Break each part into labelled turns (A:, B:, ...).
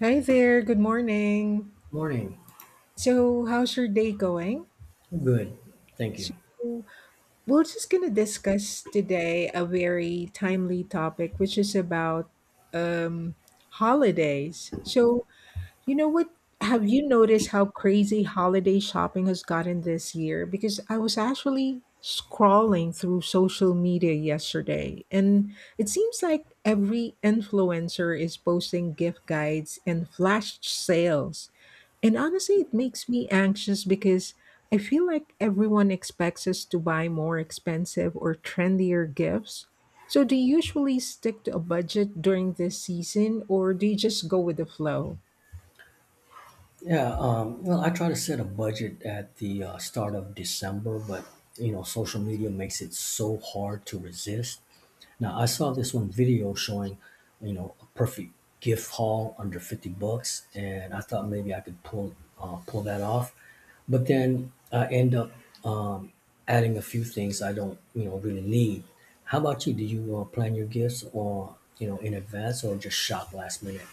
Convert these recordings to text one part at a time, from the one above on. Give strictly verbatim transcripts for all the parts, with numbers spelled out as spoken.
A: Hi there, good morning.
B: Morning.
A: So, how's your day going?
B: I'm good. Thank
A: So,
B: you.
A: we're just going to discuss today a very timely topic, which is about um, holidays. So, you know what? Have you noticed how crazy holiday shopping has gotten this year? Because I was actually scrolling through social media yesterday, and it seems like every influencer is posting gift guides and flash sales. And honestly, it makes me anxious because I feel like everyone expects us to buy more expensive or trendier gifts. So, do you usually stick to a budget during this season, or do you just go with the flow?
B: Yeah, um, well, I try to set a budget at the uh, start of December, but you know, social media makes it so hard to resist. Now, I saw this one video showing, you know, a perfect gift haul under fifty bucks, and I thought maybe I could pull uh, pull that off. But then I end up um, adding a few things I don't, you know, really need. How about you? Do you uh, plan your gifts or, you know, in advance or just shop last minute?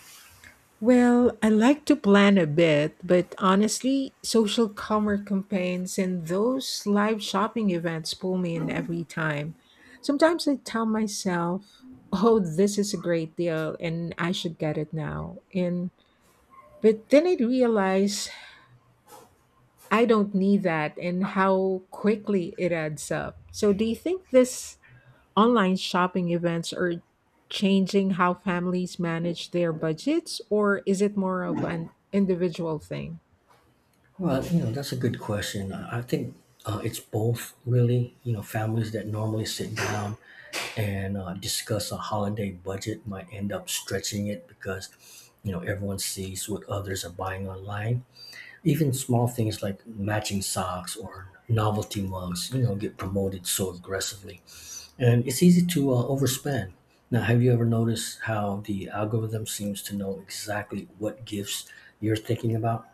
A: Well, I like to plan a bit, but honestly, social commerce campaigns and those live shopping events pull me in every time. Sometimes I tell myself, "Oh, this is a great deal and I should get it now." And but then I realize I don't need that and how quickly it adds up. So, do you think this online shopping events are changing how families manage their budgets, or is it more of an individual thing?
B: Well, you know, that's a good question. I I think uh, it's both, really. You know, families that normally sit down and uh, discuss a holiday budget might end up stretching it because, you know, everyone sees what others are buying online. Even small things like matching socks or novelty mugs, you know, get promoted so aggressively. And it's easy to uh, overspend. Now, have you ever noticed how the algorithm seems to know exactly what gifts you're thinking about?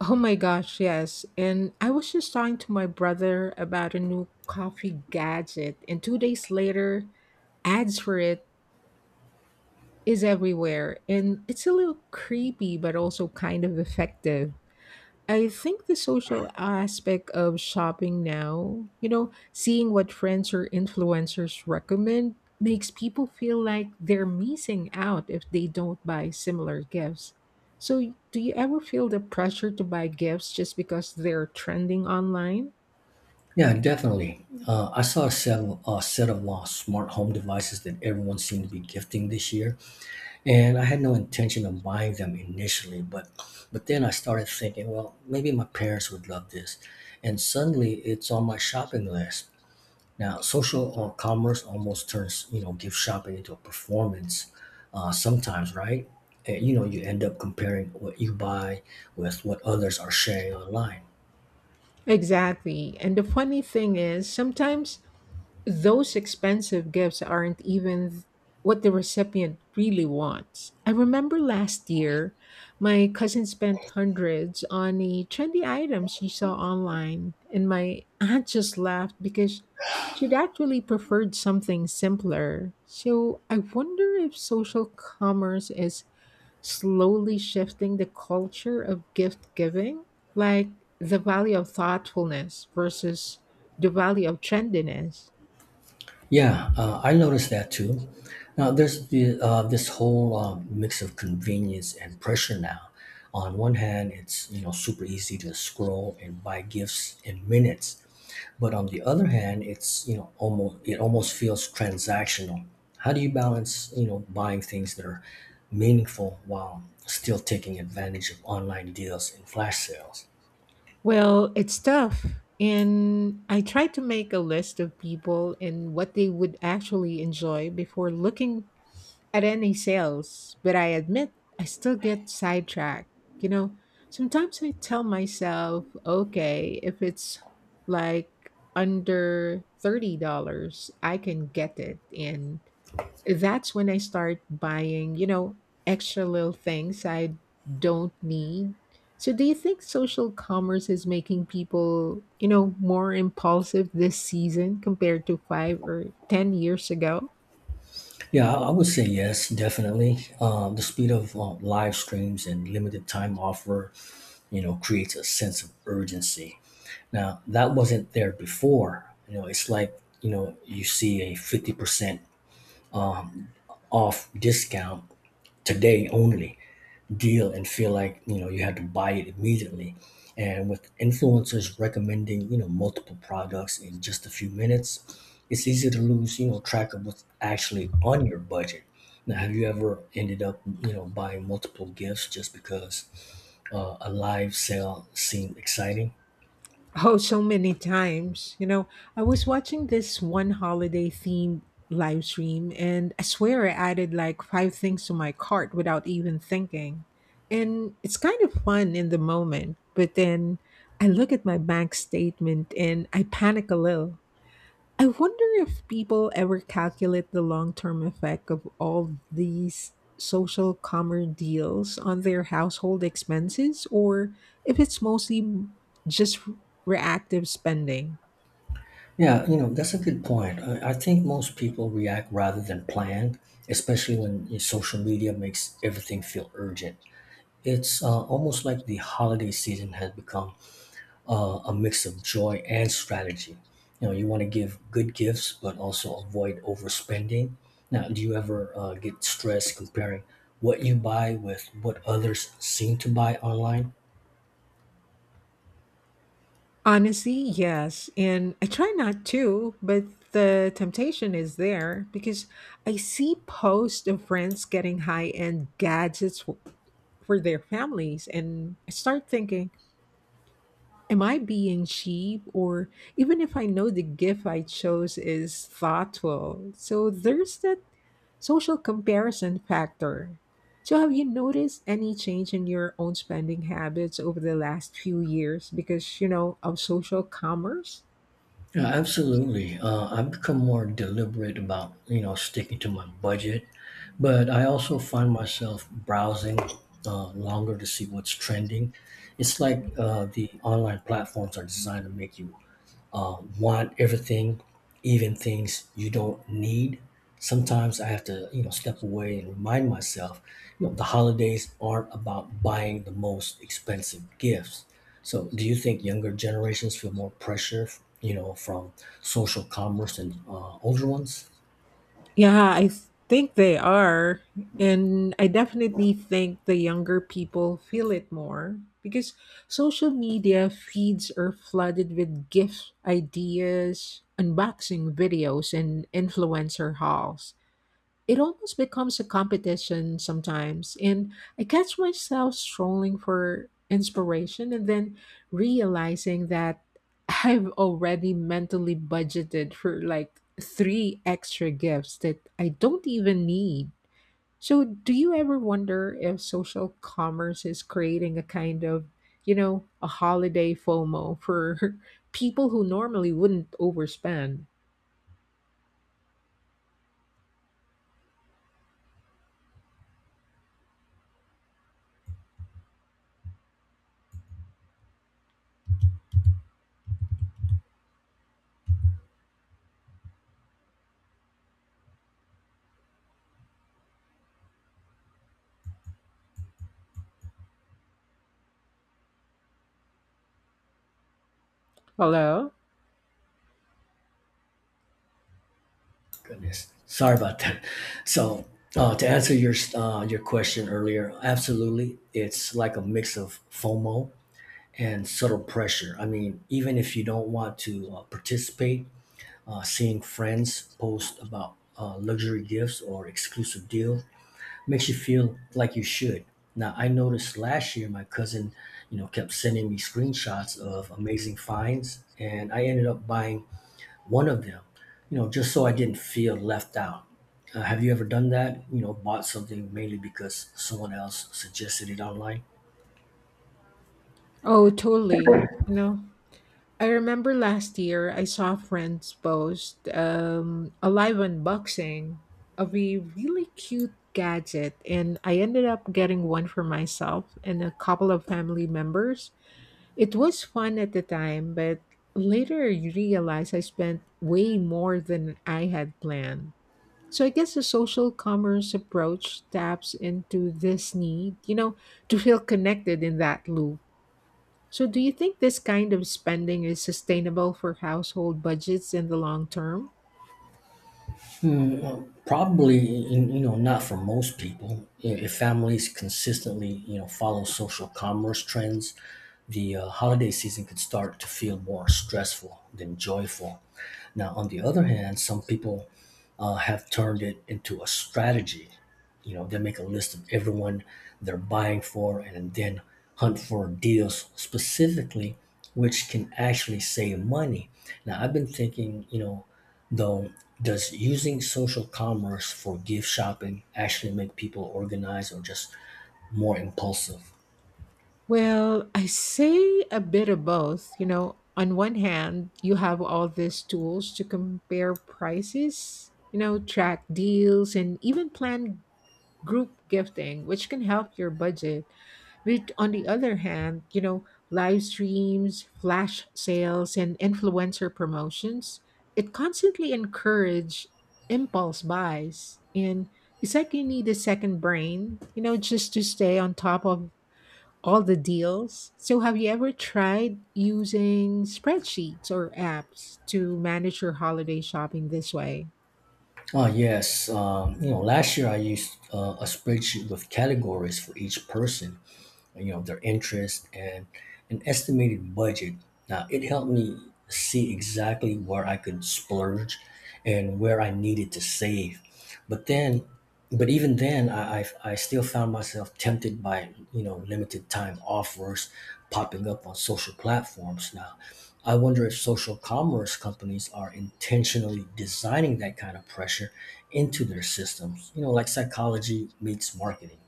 A: Oh my gosh, yes. And I was just talking to my brother about a new coffee gadget, and two days later, ads for it is everywhere. And it's a little creepy, but also kind of effective. I think the social aspect of shopping now, you know, seeing what friends or influencers recommend makes people feel like they're missing out if they don't buy similar gifts. So, do you ever feel the pressure to buy gifts just because they're trending online?
B: Yeah, definitely. Uh, I saw a, sev- a set of uh, smart home devices that everyone seemed to be gifting this year, and I had no intention of buying them initially. But, but then I started thinking, well, maybe my parents would love this, and suddenly it's on my shopping list. Now, social uh, commerce almost turns you know gift shopping into a performance uh, sometimes, right? And, you know, you end up comparing what you buy with what others are sharing online.
A: Exactly. And the funny thing is, sometimes those expensive gifts aren't even th- what the recipient really wants. I remember last year, my cousin spent hundreds on a trendy item she saw online, and my aunt just laughed because she'd actually preferred something simpler. So I wonder if social commerce is slowly shifting the culture of gift giving, like the value of thoughtfulness versus the value of trendiness.
B: Yeah, uh, I noticed that too. Now, there's the, uh, this whole uh, mix of convenience and pressure now. On one hand, it's you know super easy to scroll and buy gifts in minutes, but on the other hand, it's you know almost it almost feels transactional. How do you balance you know buying things that are meaningful while still taking advantage of online deals and flash sales?
A: Well, it's tough. And I try to make a list of people and what they would actually enjoy before looking at any sales. But I admit I still get sidetracked. You know, sometimes I tell myself, okay, if it's like under thirty dollars I can get it. And that's when I start buying, you know, extra little things I don't need. So do you think social commerce is making people, you know, more impulsive this season compared to five or ten years ago?
B: Yeah, I I would say yes, definitely. Um, the speed of uh, live streams and limited time offer you know, creates a sense of urgency. Now, that wasn't there before. You know, it's like, you know, you see a fifty percent off discount today only deal and feel like, you know, you had to buy it immediately. And with influencers recommending, you know, multiple products in just a few minutes, it's easy to lose, you know, track of what's actually on your budget. Now, have you ever ended up, you know, buying multiple gifts just because uh, a live sale seemed exciting?
A: Oh, so many times. You know, I was watching this one holiday themed live stream and I swear I added like five things to my cart without even thinking. And it's kind of fun in the moment, but then I look at my bank statement and I panic a little. I wonder if people ever calculate the long term effect of all these social commerce deals on their household expenses or if it's mostly just reactive spending.
B: Yeah, you know, that's a good point. I, I think most people react rather than plan, especially when y- social media makes everything feel urgent. It's uh, almost like the holiday season has become uh, a mix of joy and strategy. You know, you want to give good gifts, but also avoid overspending. Now, do you ever uh, get stressed comparing what you buy with what others seem to buy online?
A: Honestly, yes. And I try not to, but the temptation is there because I see posts of friends getting high end gadgets for for their families. And I start thinking, am I being cheap? Or even if I know the gift I chose is thoughtful. So there's that social comparison factor. So, have you noticed any change in your own spending habits over the last few years because, you know, of social commerce?
B: Yeah, absolutely. Uh, I've become more deliberate about, you know, sticking to my budget, but I also find myself browsing uh, longer to see what's trending. It's like uh, the online platforms are designed to make you um, want everything, even things you don't need. Sometimes I have to, you know, step away and remind myself, you know, the holidays aren't about buying the most expensive gifts. So, do you think younger generations feel more pressure, you know, from social commerce than uh, older ones?
A: Yeah, I s- think they are. And I definitely think the younger people feel it more because social media feeds are flooded with gift ideas, unboxing videos, and influencer hauls. It almost becomes a competition sometimes, and I catch myself strolling for inspiration and then realizing that I've already mentally budgeted for like three extra gifts that I don't even need. So, do you ever wonder if social commerce is creating a kind of, you know, a holiday FOMO for people who normally wouldn't overspend? Hello?
B: Goodness, sorry about that. So, uh, to answer your uh, your question earlier, absolutely, it's like a mix of FOMO, and subtle pressure. I mean, even if you don't want to uh, participate, uh, seeing friends post about uh, luxury gifts or exclusive deals makes you feel like you should. Now, I noticed last year my cousin, you know, kept sending me screenshots of amazing finds, and I ended up buying one of them, you know, just so I didn't feel left out. Uh, have you ever done that? You know, bought something mainly because someone else suggested it online?
A: Oh, totally. You know, I remember last year I saw friends post um, a live unboxing of a really cute gadget, and I ended up getting one for myself and a couple of family members. It was fun at the time, but later you realize I spent way more than I had planned. So I guess the social commerce approach taps into this need, you know, to feel connected in that loop. So, do you think this kind of spending is sustainable for household budgets in the long term?
B: Hmm, uh, probably, in- you know, not for most people. I- If families consistently, you know, follow social commerce trends, the uh, holiday season could start to feel more stressful than joyful. Now, on the other hand, some people uh, have turned it into a strategy. You know, they make a list of everyone they're buying for and then hunt for deals specifically, which can actually save money. Now, I've been thinking, you know, though, does using social commerce for gift shopping actually make people organized or just more impulsive?
A: Well, I say a bit of both. You know, on one hand, you have all these tools to compare prices, you know, track deals, and even plan group gifting, which can help your budget. But on the other hand, you know, live streams, flash sales, and influencer promotions, it constantly encourage impulse buys. And it's like you need a second brain, you know, just to stay on top of all the deals. So have you ever tried using spreadsheets or apps to manage your holiday shopping this way?
B: Oh, yes. Um, you know, last year I used uh, a spreadsheet with categories for each person, you know their interest and an estimated budget. Now it helped me see exactly where I could splurge and where I needed to save. But then but even then, i i, I still found myself tempted by you know limited time offers popping up on social platforms. Now I wonder if social commerce companies are intentionally designing that kind of pressure into their systems, you know, like psychology meets marketing.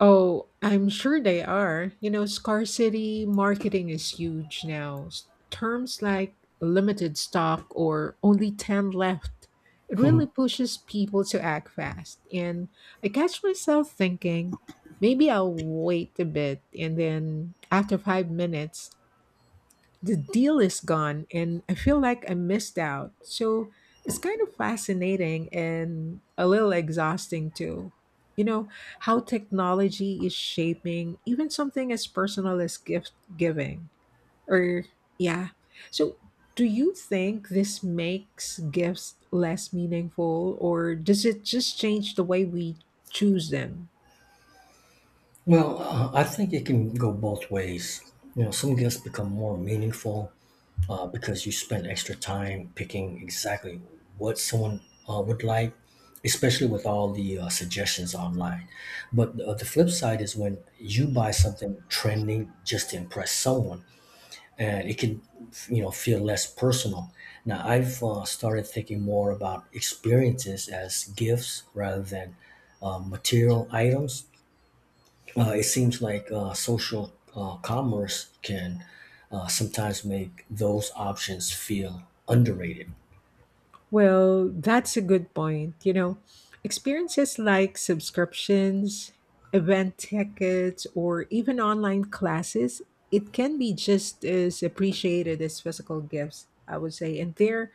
A: Oh, I'm sure they are. You know, scarcity marketing is huge now. S- Terms like limited stock or only ten left. It really pushes people to act fast. And I catch myself thinking, maybe I'll wait a bit. And then after five minutes, the deal is gone and I feel like I missed out. So it's kind of fascinating and a little exhausting too. You know, how technology is shaping even something as personal as gift giving. Or, yeah. So, do you think this makes gifts less meaningful or does it just change the way we choose them?
B: Well, uh, I think it can go both ways. You know, some gifts become more meaningful uh, because you spend extra time picking exactly what someone uh, would like, especially with all the uh, suggestions online. But uh, the flip side is when you buy something trending just to impress someone, and it can, you know, feel less personal. Now, I've uh, started thinking more about experiences as gifts rather than uh, material items. Uh, it seems like uh, social uh, commerce can uh, sometimes make those options feel underrated.
A: Well, that's a good point. You know, experiences like subscriptions, event tickets, or even online classes, it can be just as appreciated as physical gifts, I would say. And they're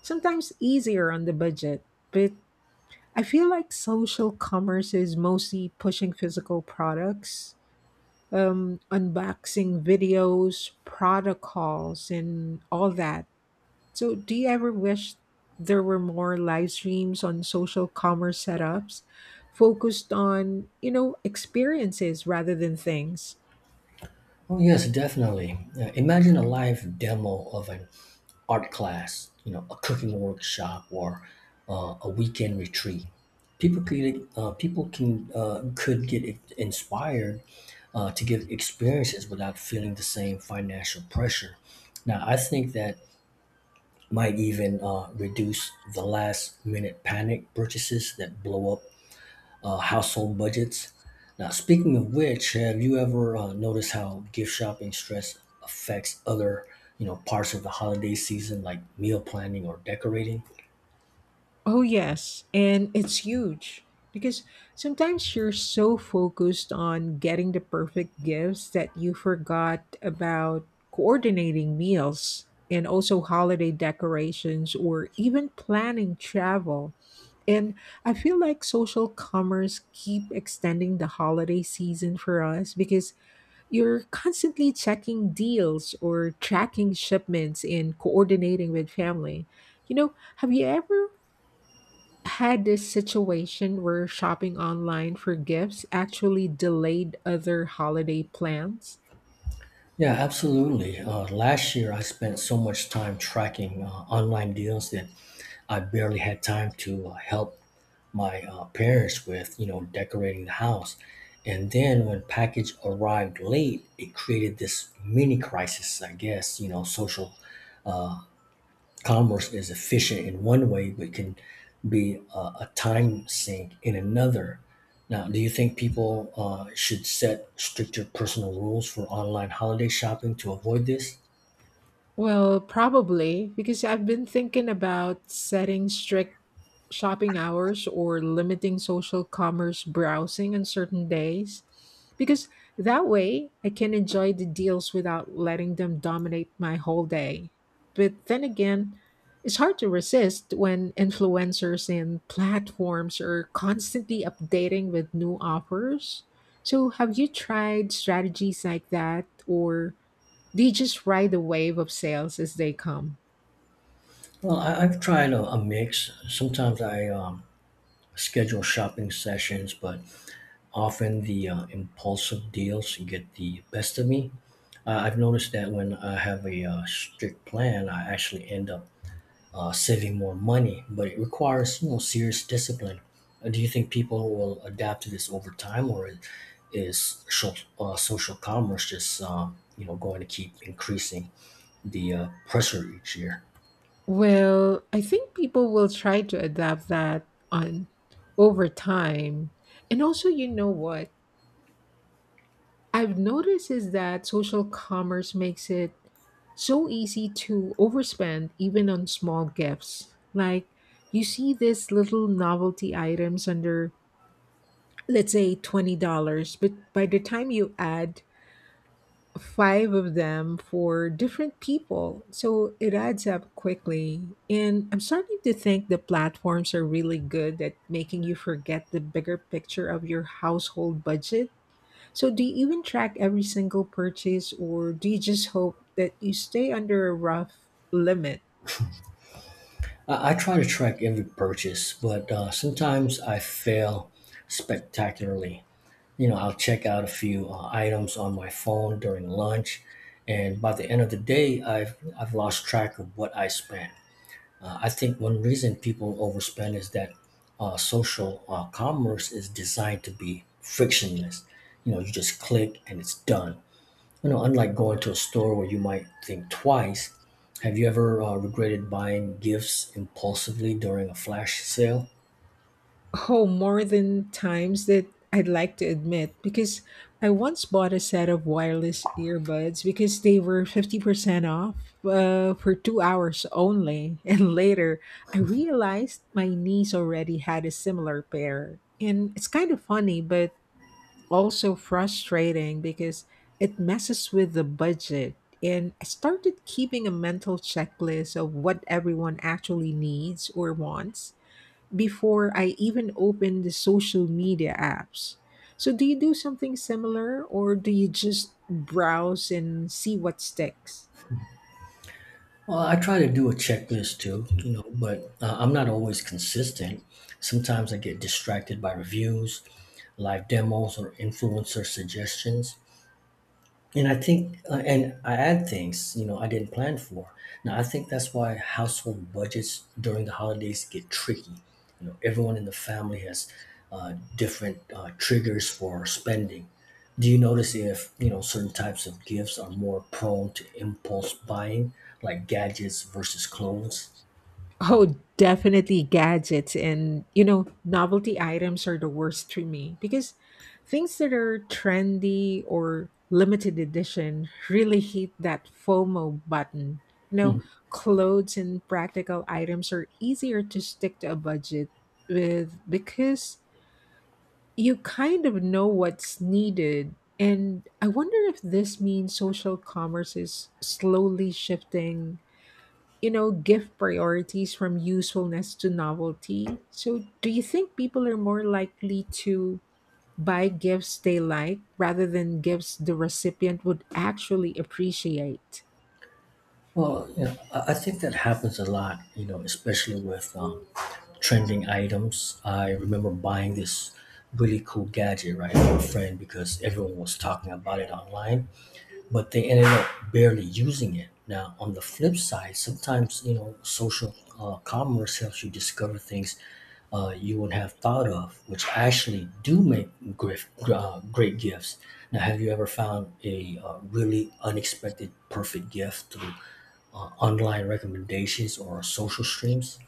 A: sometimes easier on the budget. But I feel like social commerce is mostly pushing physical products, um, unboxing videos, protocols, and all that. So, do you ever wish there were more live streams on social commerce setups focused on, you know, experiences rather than things?
B: Oh yes, definitely. Uh, imagine a live demo of an art class, you know, a cooking workshop, or uh, a weekend retreat. People could uh, people can uh, could get i- inspired uh, to give experiences without feeling the same financial pressure. Now, I think that might even uh, reduce the last minute panic purchases that blow up uh, household budgets. Now, speaking of which, have you ever uh, noticed how gift shopping stress affects other, you know, parts of the holiday season, like meal planning or decorating?
A: Oh, yes. And it's huge because sometimes you're so focused on getting the perfect gifts that you forgot about coordinating meals and also holiday decorations or even planning travel. And I feel like social commerce keep extending the holiday season for us because you're constantly checking deals or tracking shipments and coordinating with family. You know, have you ever had this situation where shopping online for gifts actually delayed other holiday plans.
B: Yeah, absolutely. Uh, last year, I spent so much time tracking uh, online deals that I barely had time to uh, help my uh, parents with, you know, decorating the house. And then when package arrived late, it created this mini crisis. I guess you know, social uh, commerce is efficient in one way, but can be a, a time sink in another. Now, do you think people uh, should set stricter personal rules for online holiday shopping to avoid this?
A: Well, probably because I've been thinking about setting strict shopping hours or limiting social commerce browsing on certain days. Because that way I can enjoy the deals without letting them dominate my whole day. But then again, it's hard to resist when influencers and platforms are constantly updating with new offers. So, have you tried strategies like that or? They just ride the wave of sales as they come.
B: Well, I, I've tried a, a mix. Sometimes I um, schedule shopping sessions, but often the uh, impulsive deals get the best of me. Uh, I've noticed that when I have a uh, strict plan, I actually end up uh, saving more money, but it requires you know serious discipline. Uh, do you think people will adapt to this over time, or is social, uh, social commerce just um, you know going to keep increasing the uh, pressure each year?
A: Well, I think people will try to adapt that on over time. And also, you know what I've noticed is that social commerce makes it so easy to overspend even on small gifts. Like you see these little novelty items under let's say twenty dollars but by the time you add five of them for different people. So it adds up quickly. And I'm starting to think the platforms are really good at making you forget the bigger picture of your household budget. So do you even track every single purchase or do you just hope that you stay under a rough limit?
B: I, I try to track every purchase, but uh, sometimes I fail spectacularly. You know, I'll check out a few uh, items on my phone during lunch, and by the end of the day, I've I've lost track of what I spent. Uh, I think one reason people overspend is that uh, social uh, commerce is designed to be frictionless. You know, you just click and it's done. You know, unlike going to a store where you might think twice. Have you ever uh, regretted buying gifts impulsively during a flash sale?
A: Oh, more than times that I'd like to admit, because I once bought a set of wireless earbuds because they were fifty percent off uh, for two hours only. And later, I realized my niece already had a similar pair. And it's kind of funny, but also frustrating because it messes with the budget. And I started keeping a mental checklist of what everyone actually needs or wants before I even open the social media apps. So, do you do something similar or do you just browse and see what sticks?
B: Well, I try to do a checklist too, you know, but uh, I'm not always consistent. Sometimes I get distracted by reviews, live demos, or influencer suggestions. And I think, uh, and I add things, you know, I didn't plan for. Now, I think that's why household budgets during the holidays get tricky. You know, everyone in the family has uh, different uh, triggers for spending. Do you notice if, you know, certain types of gifts are more prone to impulse buying, like gadgets versus clothes?
A: Oh, definitely gadgets and, you know, novelty items are the worst to me because things that are trendy or limited edition really hit that FOMO button. You know, clothes and practical items are easier to stick to a budget with because you kind of know what's needed. And I wonder if this means social commerce is slowly shifting, you know, gift priorities from usefulness to novelty. So, do you think people are more likely to buy gifts they like rather than gifts the recipient would actually appreciate?
B: Well, you know, I I think that happens a lot, you know, especially with um, trending items. I remember buying this really cool gadget, right, from a friend because everyone was talking about it online but they ended up barely using it. Now, on the flip side, sometimes you know social uh, commerce helps you discover things uh, you wouldn't have thought of, which actually do make grif- uh, great gifts. Now, have you ever found a uh, really unexpected perfect gift through uh, online recommendations or social streams?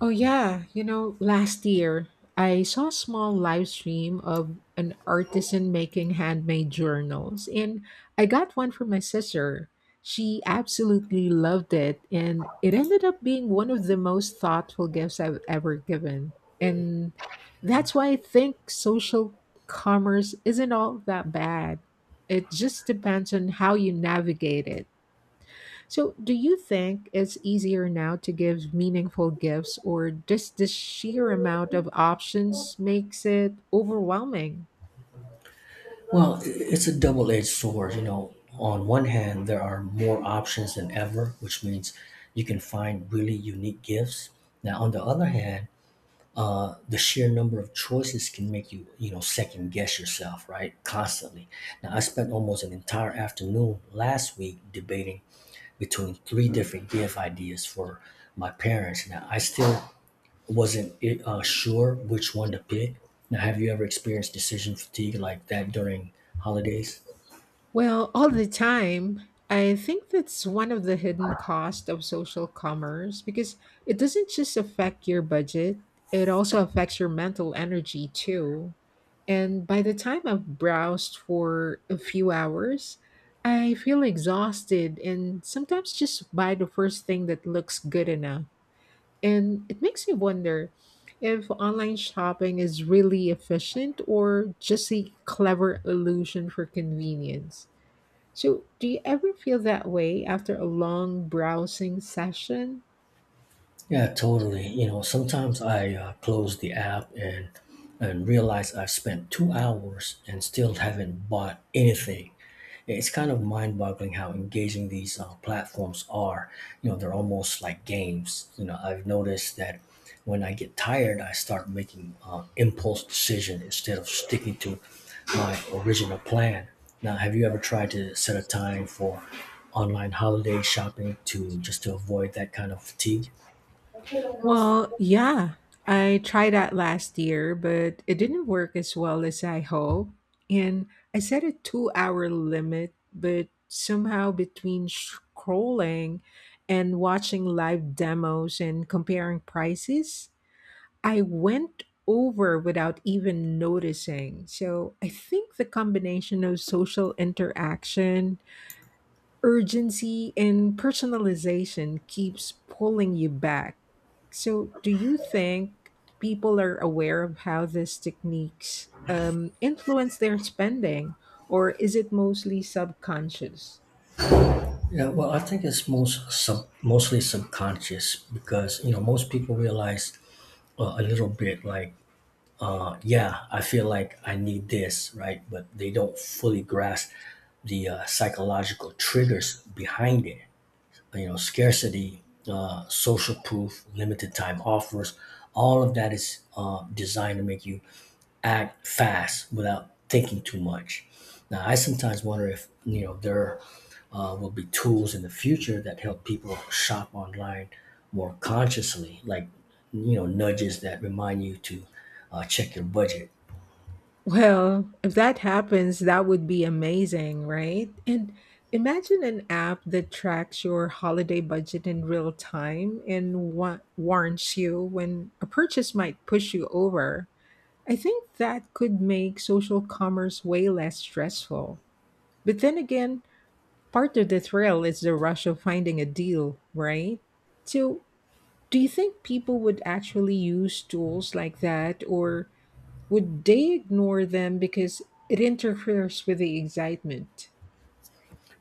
A: Oh yeah, you know, last year I saw a small live stream of an artisan making handmade journals and I got one for my sister. She absolutely loved it and it ended up being one of the most thoughtful gifts I've ever given. And that's why I think social commerce isn't all that bad. It just depends on how you navigate it. So, do you think it's easier now to give meaningful gifts, or does the sheer amount of options makes it overwhelming?
B: Well, it's a double edged sword. You know, on one hand, there are more options than ever, which means you can find really unique gifts. Now, on the other hand, the sheer number of choices can make you, you know, second guess yourself, right? Constantly. Now, I spent almost an entire afternoon last week debating between three different gift ideas for my parents. Now, I still wasn't uh, sure which one to pick. Now, have you ever experienced decision fatigue like that during holidays?
A: Well, all the time. I think that's one of the hidden costs of social commerce because it doesn't just affect your budget, it also affects your mental energy too. And by the time I've browsed for a few hours, I feel exhausted and sometimes just buy the first thing that looks good enough. And it makes me wonder if online shopping is really efficient or just a clever illusion for convenience. So, do you ever feel that way after a long browsing session?
B: Yeah, totally. You know, sometimes I uh, close the app and and realize I've spent two hours and still haven't bought anything. It's kind of mind-boggling how engaging these uh, platforms are. You know, they're almost like games. You know, I've noticed that when I get tired, I start making uh, impulse decision instead of sticking to my original plan. Now, have you ever tried to set a time for online holiday shopping to just to avoid that kind of fatigue?
A: Well, yeah. I tried that last year, but it didn't work as well as I hoped. And I set a two hour limit, but somehow between scrolling and watching live demos and comparing prices, I went over without even noticing. So I think the combination of social interaction, urgency, and personalization keeps pulling you back. So, do you think people are aware of how these techniques um, influence their spending, or is it mostly subconscious?
B: Yeah, well, I think it's most sub, mostly subconscious because you know most people realize uh, a little bit like, yeah, I feel like I need this, right? But they don't fully grasp the uh, psychological triggers behind it. You know, scarcity, uh, social proof, limited time offers, all of that is uh, designed to make you act fast without thinking too much. Now, I sometimes wonder if you know there uh, will be tools in the future that help people shop online more consciously, like you know nudges that remind you to uh, check your budget.
A: Well, if that happens, that would be amazing, right? And imagine an app that tracks your holiday budget in real time and wa- warns you when a purchase might push you over. I think that could make social commerce way less stressful. But then again, part of the thrill is the rush of finding a deal, right? So, do you think people would actually use tools like that, or would they ignore them because it interferes with the excitement?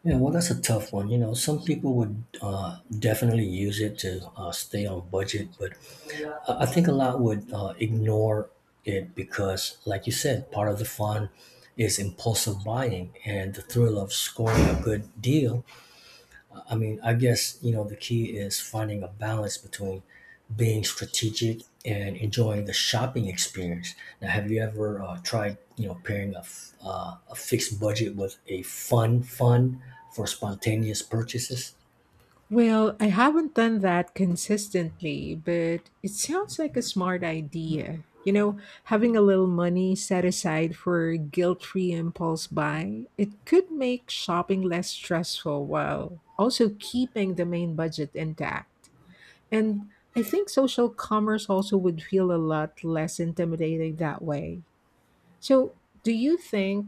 B: Yeah, well, that's a tough one. You know, some people would uh, definitely use it to uh, stay on budget, but I I think a lot would uh, ignore it because, like you said, part of the fun is impulsive buying and the thrill of scoring a good deal. I mean, I guess, you know, the key is finding a balance between being strategic and enjoying the shopping experience. Now, have you ever uh, tried, you know, pairing a, f- uh, a fixed budget with a fun fund for spontaneous purchases?
A: Well, I haven't done that consistently, but it sounds like a smart idea. You know, having a little money set aside for guilt free impulse buy, it could make shopping less stressful while also keeping the main budget intact. And I think social commerce also would feel a lot less intimidating that way. So, do you think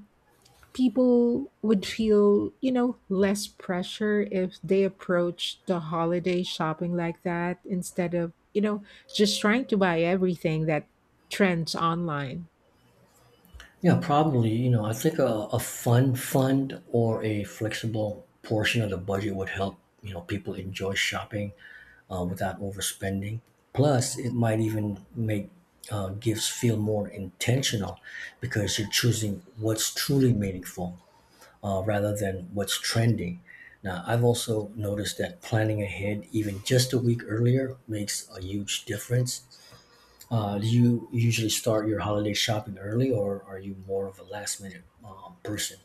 A: people would feel, you know, less pressure if they approach the holiday shopping like that instead of, you know, just trying to buy everything that trends online?
B: Yeah, probably, you know, I think a, a fun fund or a flexible portion of the budget would help, you know, people enjoy shopping uh, without overspending. Plus, it might even make uh, gifts feel more intentional because you're choosing what's truly meaningful uh, rather than what's trending. Now, I've also noticed that planning ahead, even just a week earlier, makes a huge difference. Uh, do you usually start your holiday shopping early, or are you more of a last minute um, person?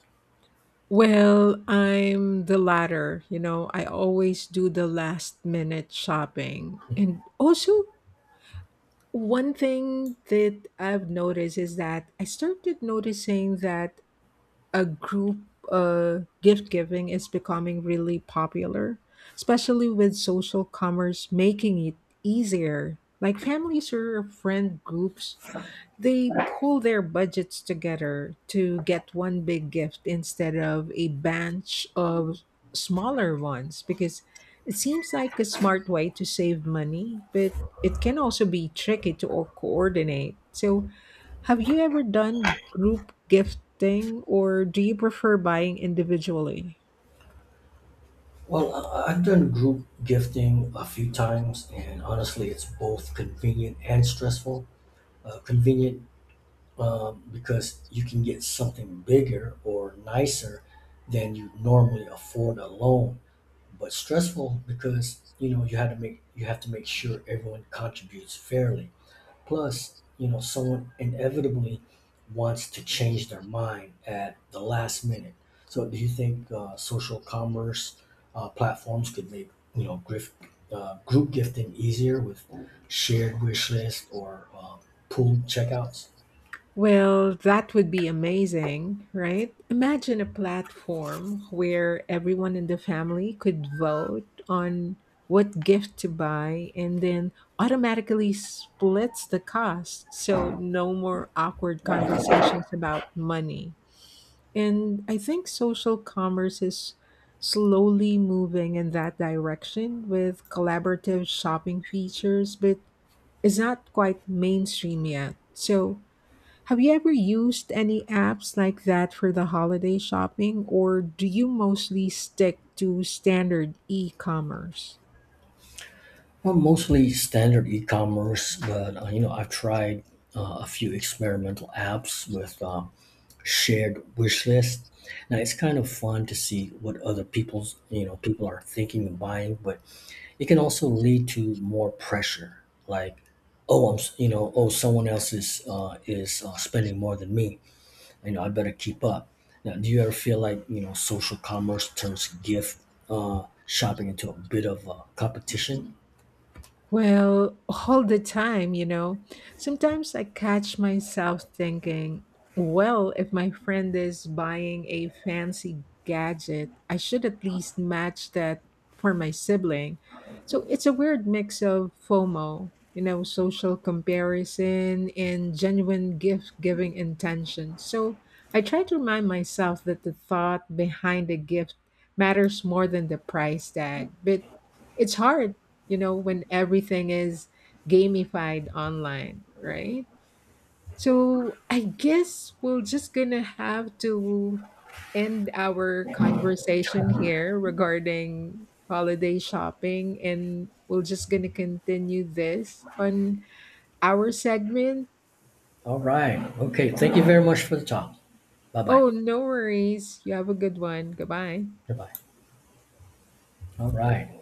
A: Well, I'm the latter. You know, I always do the last minute shopping. And also, one thing that I've noticed is that I started noticing that a group uh, gift giving is becoming really popular, especially with social commerce making it easier. Like families or friend groups, they pull their budgets together to get one big gift instead of a bunch of smaller ones because it seems like a smart way to save money, but it can also be tricky to o- coordinate. So, have you ever done group gifting or do you prefer buying individually?
B: Well, I- I've done group gifting a few times, and honestly, it's both convenient and stressful. Uh, convenient um, because you can get something bigger or nicer than you normally afford alone, but stressful because you know you have to make you have to make sure everyone contributes fairly, plus you know someone inevitably wants to change their mind at the last minute. So do you think uh, social commerce uh, platforms could make, you know, grift, uh, group gifting easier with shared wish list or uh, pooled checkouts?
A: Well, that would be amazing, right? Imagine a platform where everyone in the family could vote on what gift to buy and then automatically splits the cost. So, no more awkward conversations about money. And I think social commerce is slowly moving in that direction with collaborative shopping features, but it's not quite mainstream yet. So, have you ever used any apps like that for the holiday shopping, or do you mostly stick to standard e commerce?
B: Well, mostly standard e-commerce, but uh, you know, I've tried uh, a few experimental apps with um, shared wish list. Now it's kind of fun to see what other people's you know people are thinking of buying, but it can also lead to more pressure. Like, oh, I'm s- you know oh, someone else is uh, is uh, spending more than me. You know, I better keep up. Now, do you ever feel like, you know, social commerce turns gift uh, shopping into a bit of a competition?
A: Well, all the time, you know. Sometimes I catch myself thinking, well, if my friend is buying a fancy gadget, I should at least match that for my sibling. So it's a weird mix of FOMO, you know, social comparison and genuine gift giving intention. So I try to remind myself that the thought behind the gift matters more than the price tag. But it's hard, you know, when everything is gamified online, right? So I guess we're just gonna have to end our conversation here regarding holiday shopping and we're just gonna continue this on our segment.
B: All right. Okay. Thank you very much for the talk. Bye bye.
A: Oh, no worries. You have a good one. Goodbye.
B: Bye bye. All right.